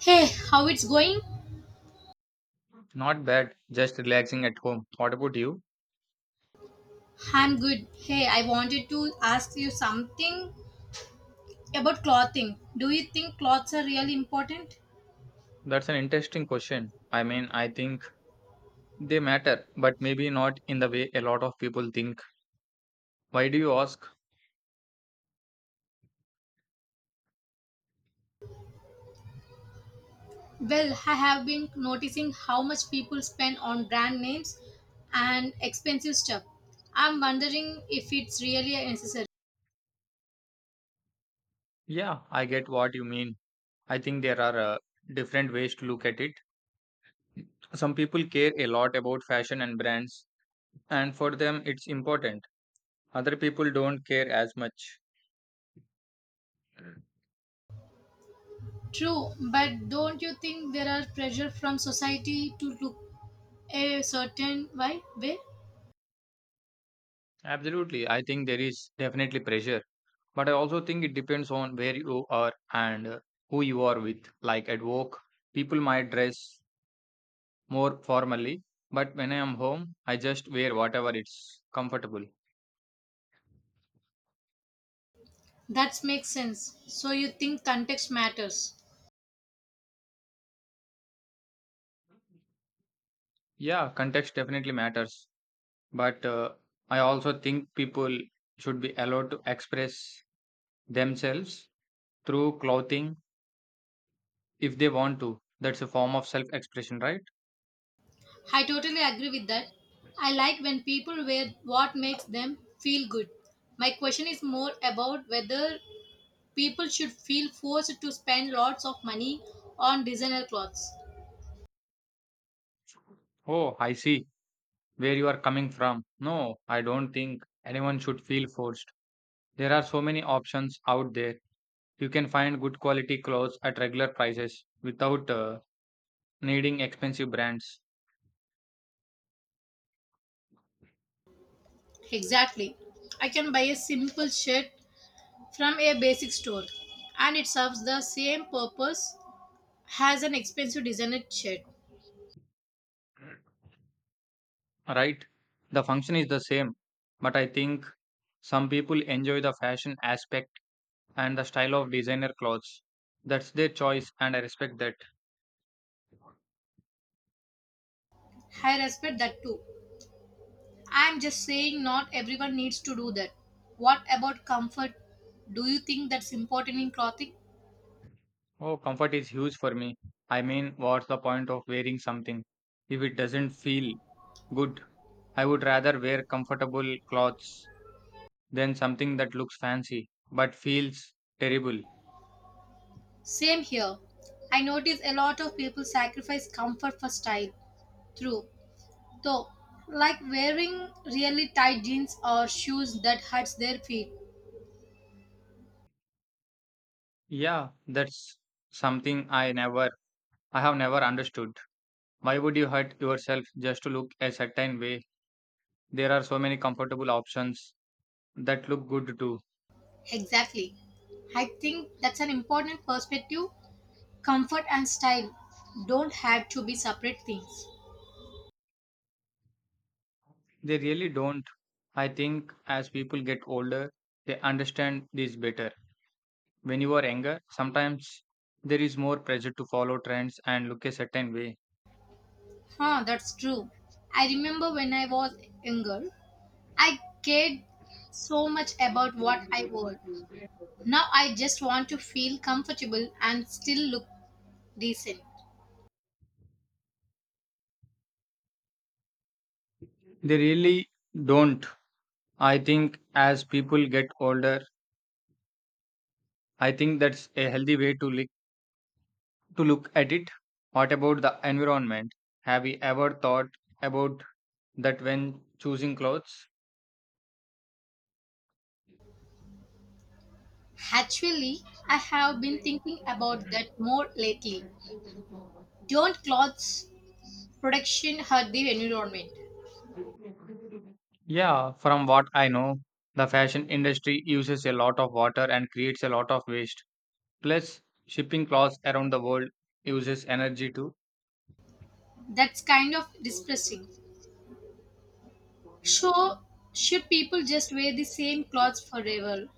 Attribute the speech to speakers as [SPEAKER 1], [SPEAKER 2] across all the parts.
[SPEAKER 1] Hey, how it's going?
[SPEAKER 2] Not bad, just relaxing at home. What about you?
[SPEAKER 1] I'm good. Hey, I wanted to ask you something about clothing. Do you think clothes are really important?
[SPEAKER 2] That's an interesting question. I mean, I think they matter, but maybe not in the way a lot of people think. Why do you ask?
[SPEAKER 1] Well, I have been noticing how much people spend on brand names and expensive stuff. I'm wondering if it's really necessary.
[SPEAKER 2] Yeah, I get what you mean. I think there are different ways to look at it. Some people care a lot about fashion and brands, and for them it's important. Other people don't care as much.
[SPEAKER 1] True, but don't you think there are pressure from society to look a certain way?
[SPEAKER 2] Absolutely, I think there is definitely pressure. But I also think it depends on where you are and who you are with. Like at work, people might dress more formally, but when I am home, I just wear whatever it's comfortable.
[SPEAKER 1] That makes sense. So you think context matters.
[SPEAKER 2] Yeah, context definitely matters. But I also think people should be allowed to express themselves through clothing if they want to. That's a form of self expression, right?
[SPEAKER 1] I totally agree with that. I like when people wear what makes them feel good. My question is more about whether people should feel forced to spend lots of money on designer clothes.
[SPEAKER 2] Oh, I see where you are coming from. No, I don't think anyone should feel forced. There are so many options out there. You can find good quality clothes at regular prices without needing expensive brands,
[SPEAKER 1] Exactly. I can buy a simple shirt from a basic store and it serves the same purpose as an expensive designer shirt.
[SPEAKER 2] right? The function is the same, but I think some people enjoy the fashion aspect and the style of designer clothes. That's their choice, and I respect that.
[SPEAKER 1] I respect that too. I am just saying not everyone needs to do that. What about comfort? Do you think that's important in clothing?
[SPEAKER 2] Oh, comfort is huge for me. I mean, what's the point of wearing something if it doesn't feel good? I would rather wear comfortable clothes than something that looks fancy but feels terrible.
[SPEAKER 1] Same here. I notice a lot of people sacrifice comfort for style. True. Though, like wearing really tight jeans or shoes that hurts their feet.
[SPEAKER 2] Yeah, that's something I have never understood. Why would you hurt yourself just to look a certain way? There are so many comfortable options that look good too.
[SPEAKER 1] Exactly. I think that's an important perspective. Comfort and style don't have to be separate things.
[SPEAKER 2] They really don't. I think as people get older, they understand this better. When you are younger, sometimes there is more pressure to follow trends and look a certain way.
[SPEAKER 1] Huh, that's true. I remember when I was younger, I cared so much about what I wore. Now I just want to feel comfortable and still look decent.
[SPEAKER 2] They really don't. I think as people get older, I think that's a healthy way to look at it. What about the environment? Have you ever thought about that when choosing clothes?
[SPEAKER 1] Actually, I have been thinking about that more lately. Don't clothes production hurt the environment?
[SPEAKER 2] Yeah, from what I know, the fashion industry uses a lot of water and creates a lot of waste. Plus, shipping clothes around the world uses energy too.
[SPEAKER 1] That's kind of depressing. So, should people just wear the same clothes forever?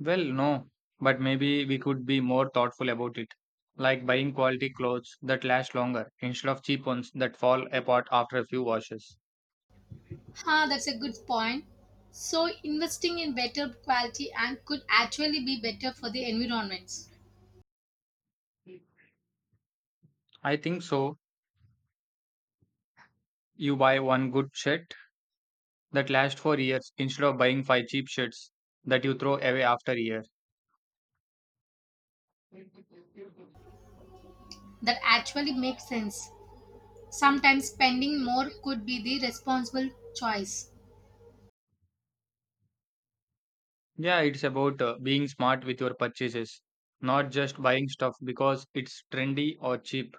[SPEAKER 2] Well, no, but maybe we could be more thoughtful about it, like buying quality clothes that last longer instead of cheap ones that fall apart after a few washes.
[SPEAKER 1] Huh, that's a good point. So, investing in better quality and could actually be better for the environments.
[SPEAKER 2] I think so. You buy one good shirt that lasts for years instead of buying five cheap shirts that you throw away after a year.
[SPEAKER 1] That actually makes sense. Sometimes spending more could be the responsible choice.
[SPEAKER 2] Yeah, it's about being smart with your purchases, not just buying stuff because it's trendy or cheap.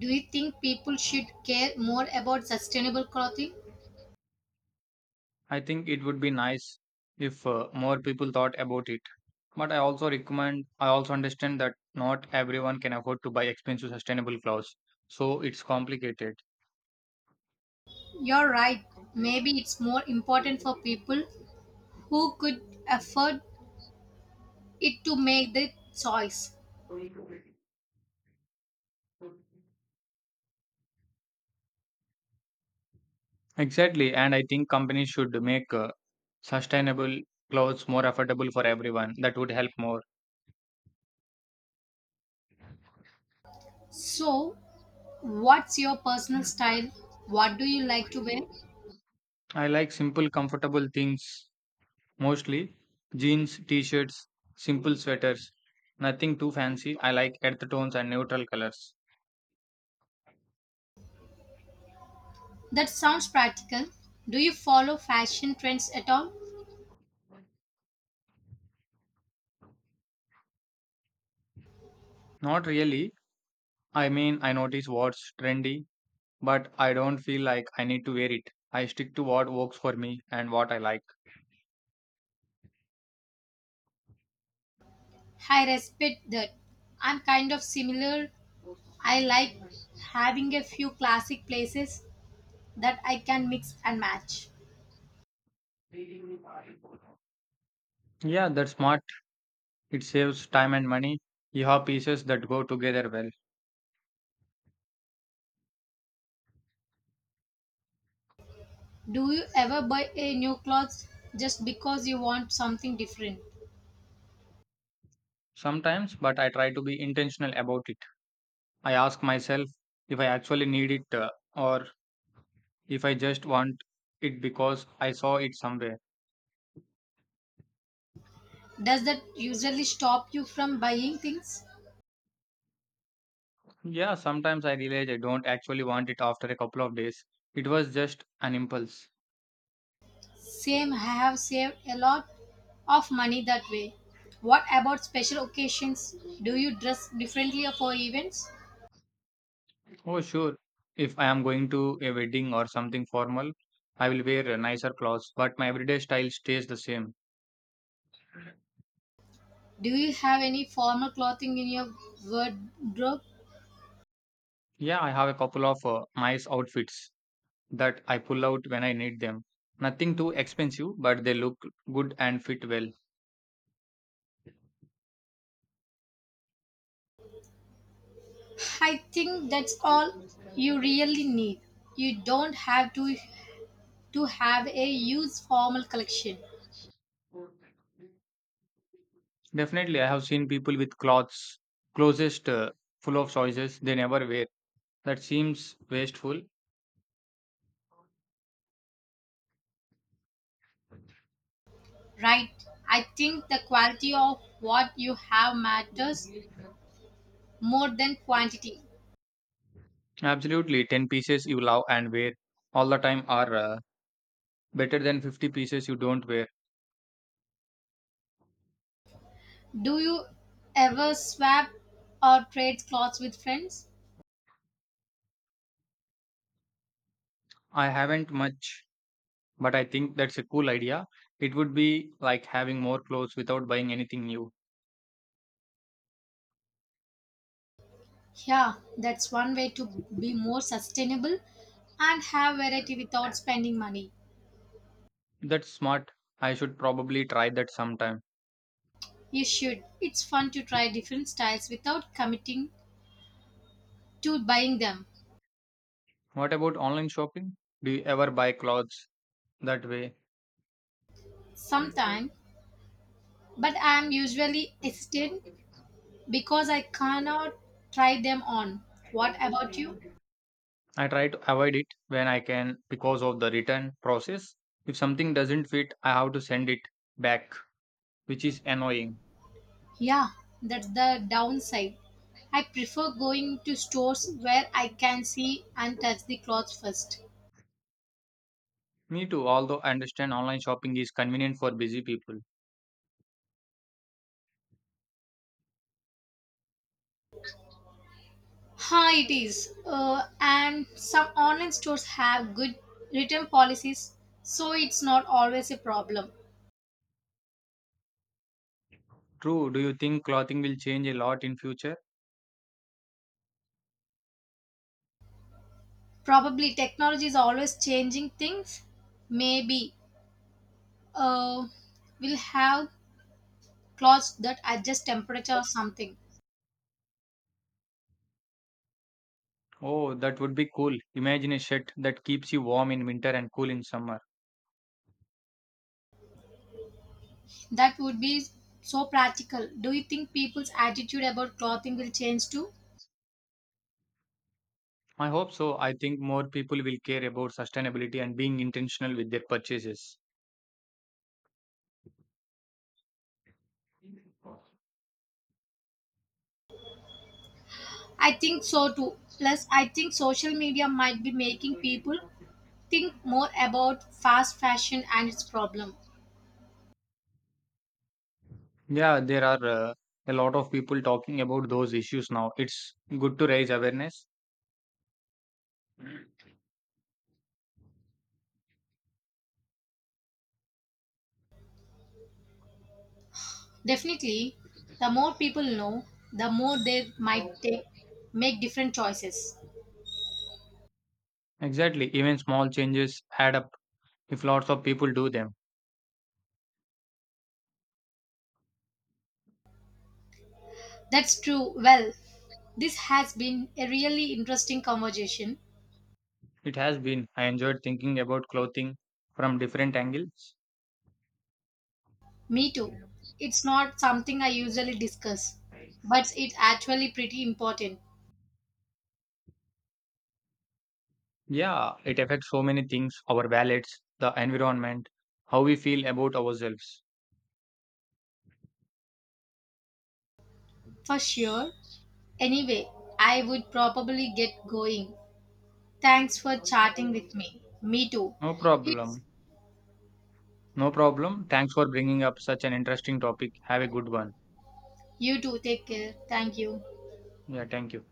[SPEAKER 1] Do you think people should care more about sustainable clothing?
[SPEAKER 2] I think it would be nice if more people thought about it. But I also understand that not everyone can afford to buy expensive sustainable clothes. So it's complicated.
[SPEAKER 1] You're right. Maybe it's more important for people who could afford it to make the choice.
[SPEAKER 2] Exactly. And I think companies should make sustainable clothes more affordable for everyone. That would help more.
[SPEAKER 1] So, what's your personal style? What do you like to wear?
[SPEAKER 2] I like simple, comfortable things mostly jeans, t shirts, simple sweaters. Nothing too fancy. I like earth tones and neutral colors.
[SPEAKER 1] That sounds practical. Do you follow fashion trends at all?
[SPEAKER 2] Not really. I mean, I notice what's trendy, but I don't feel like I need to wear it. I stick to what works for me and what I like.
[SPEAKER 1] I respect that. I'm kind of similar. I like having a few classic places that I can mix and match.
[SPEAKER 2] Yeah, that's smart. It saves time and money. You have pieces that go together well.
[SPEAKER 1] Do you ever buy a new clothes just because you want something different?
[SPEAKER 2] Sometimes, but I try to be intentional about it. I ask myself if I actually need it or if I just want it because I saw it somewhere.
[SPEAKER 1] Does that usually stop you from buying things?
[SPEAKER 2] Yeah, sometimes I realize I don't actually want it after a couple of days. It was just an impulse.
[SPEAKER 1] Same, I have saved a lot of money that way. What about special occasions? Do you dress differently for events?
[SPEAKER 2] Oh, sure. If I am going to a wedding or something formal, I will wear nicer clothes, but my everyday style stays the same.
[SPEAKER 1] Do you have any formal clothing in your wardrobe?
[SPEAKER 2] Yeah, I have a couple of nice outfits that I pull out when I need them. Nothing too expensive, but they look good and fit well.
[SPEAKER 1] I think that's all you really need. You don't have to have a huge formal collection,
[SPEAKER 2] Definitely, I have seen people with clothes closest full of choices they never wear. That seems wasteful.
[SPEAKER 1] right? I think the quality of what you have matters more than quantity.
[SPEAKER 2] Absolutely. 10 pieces you love and wear all the time are better than 50 pieces you don't wear.
[SPEAKER 1] Do you ever swap or trade clothes with friends?
[SPEAKER 2] I haven't much, but I think that's a cool idea. It would be like having more clothes without buying anything new.
[SPEAKER 1] Yeah, that's one way to be more sustainable and have variety without spending money.
[SPEAKER 2] That's smart. I should probably try that sometime.
[SPEAKER 1] You should. It's fun to try different styles without committing to buying them.
[SPEAKER 2] What about online shopping? Do you ever buy clothes that way?
[SPEAKER 1] Sometimes, but I am usually hesitant because I cannot try them on. What about you?
[SPEAKER 2] I try to avoid it when I can because of the return process. If something doesn't fit, I have to send it back, which is annoying.
[SPEAKER 1] Yeah, that's the downside. I prefer going to stores where I can see and touch the clothes first.
[SPEAKER 2] Me too, although I understand online shopping is convenient for busy people.
[SPEAKER 1] Huh, it is. And some online stores have good return policies, so it's not always a problem.
[SPEAKER 2] True, do you think clothing will change a lot in future?
[SPEAKER 1] Probably technology is always changing things. Maybe uh, we'll have clothes that adjust temperature or something.
[SPEAKER 2] Oh, that would be cool. Imagine a shirt that keeps you warm in winter and cool in summer.
[SPEAKER 1] That would be so practical. Do you think people's attitude about clothing will change too?
[SPEAKER 2] I hope so. I think more people will care about sustainability and being intentional with their purchases.
[SPEAKER 1] I think so too. Plus, I think social media might be making people think more about fast fashion and its problem.
[SPEAKER 2] Yeah, there are a lot of people talking about those issues now. It's good to raise awareness.
[SPEAKER 1] Definitely, the more people know, the more they might take, make different choices.
[SPEAKER 2] Exactly, even small changes add up if lots of people do them.
[SPEAKER 1] That's true. Well, this has been a really interesting conversation.
[SPEAKER 2] It has been. I enjoyed thinking about clothing from different angles.
[SPEAKER 1] Me too. It's not something I usually discuss, but it's actually pretty important.
[SPEAKER 2] Yeah, it affects so many things our wallets, the environment, how we feel about ourselves.
[SPEAKER 1] For sure. Anyway, I would probably get going. Thanks for chatting with me. Me too.
[SPEAKER 2] No
[SPEAKER 1] It's
[SPEAKER 2] problem. No problem. Thanks for bringing up such an interesting topic. Have a good one.
[SPEAKER 1] you too. Take care. Thank you.
[SPEAKER 2] Yeah, thank you.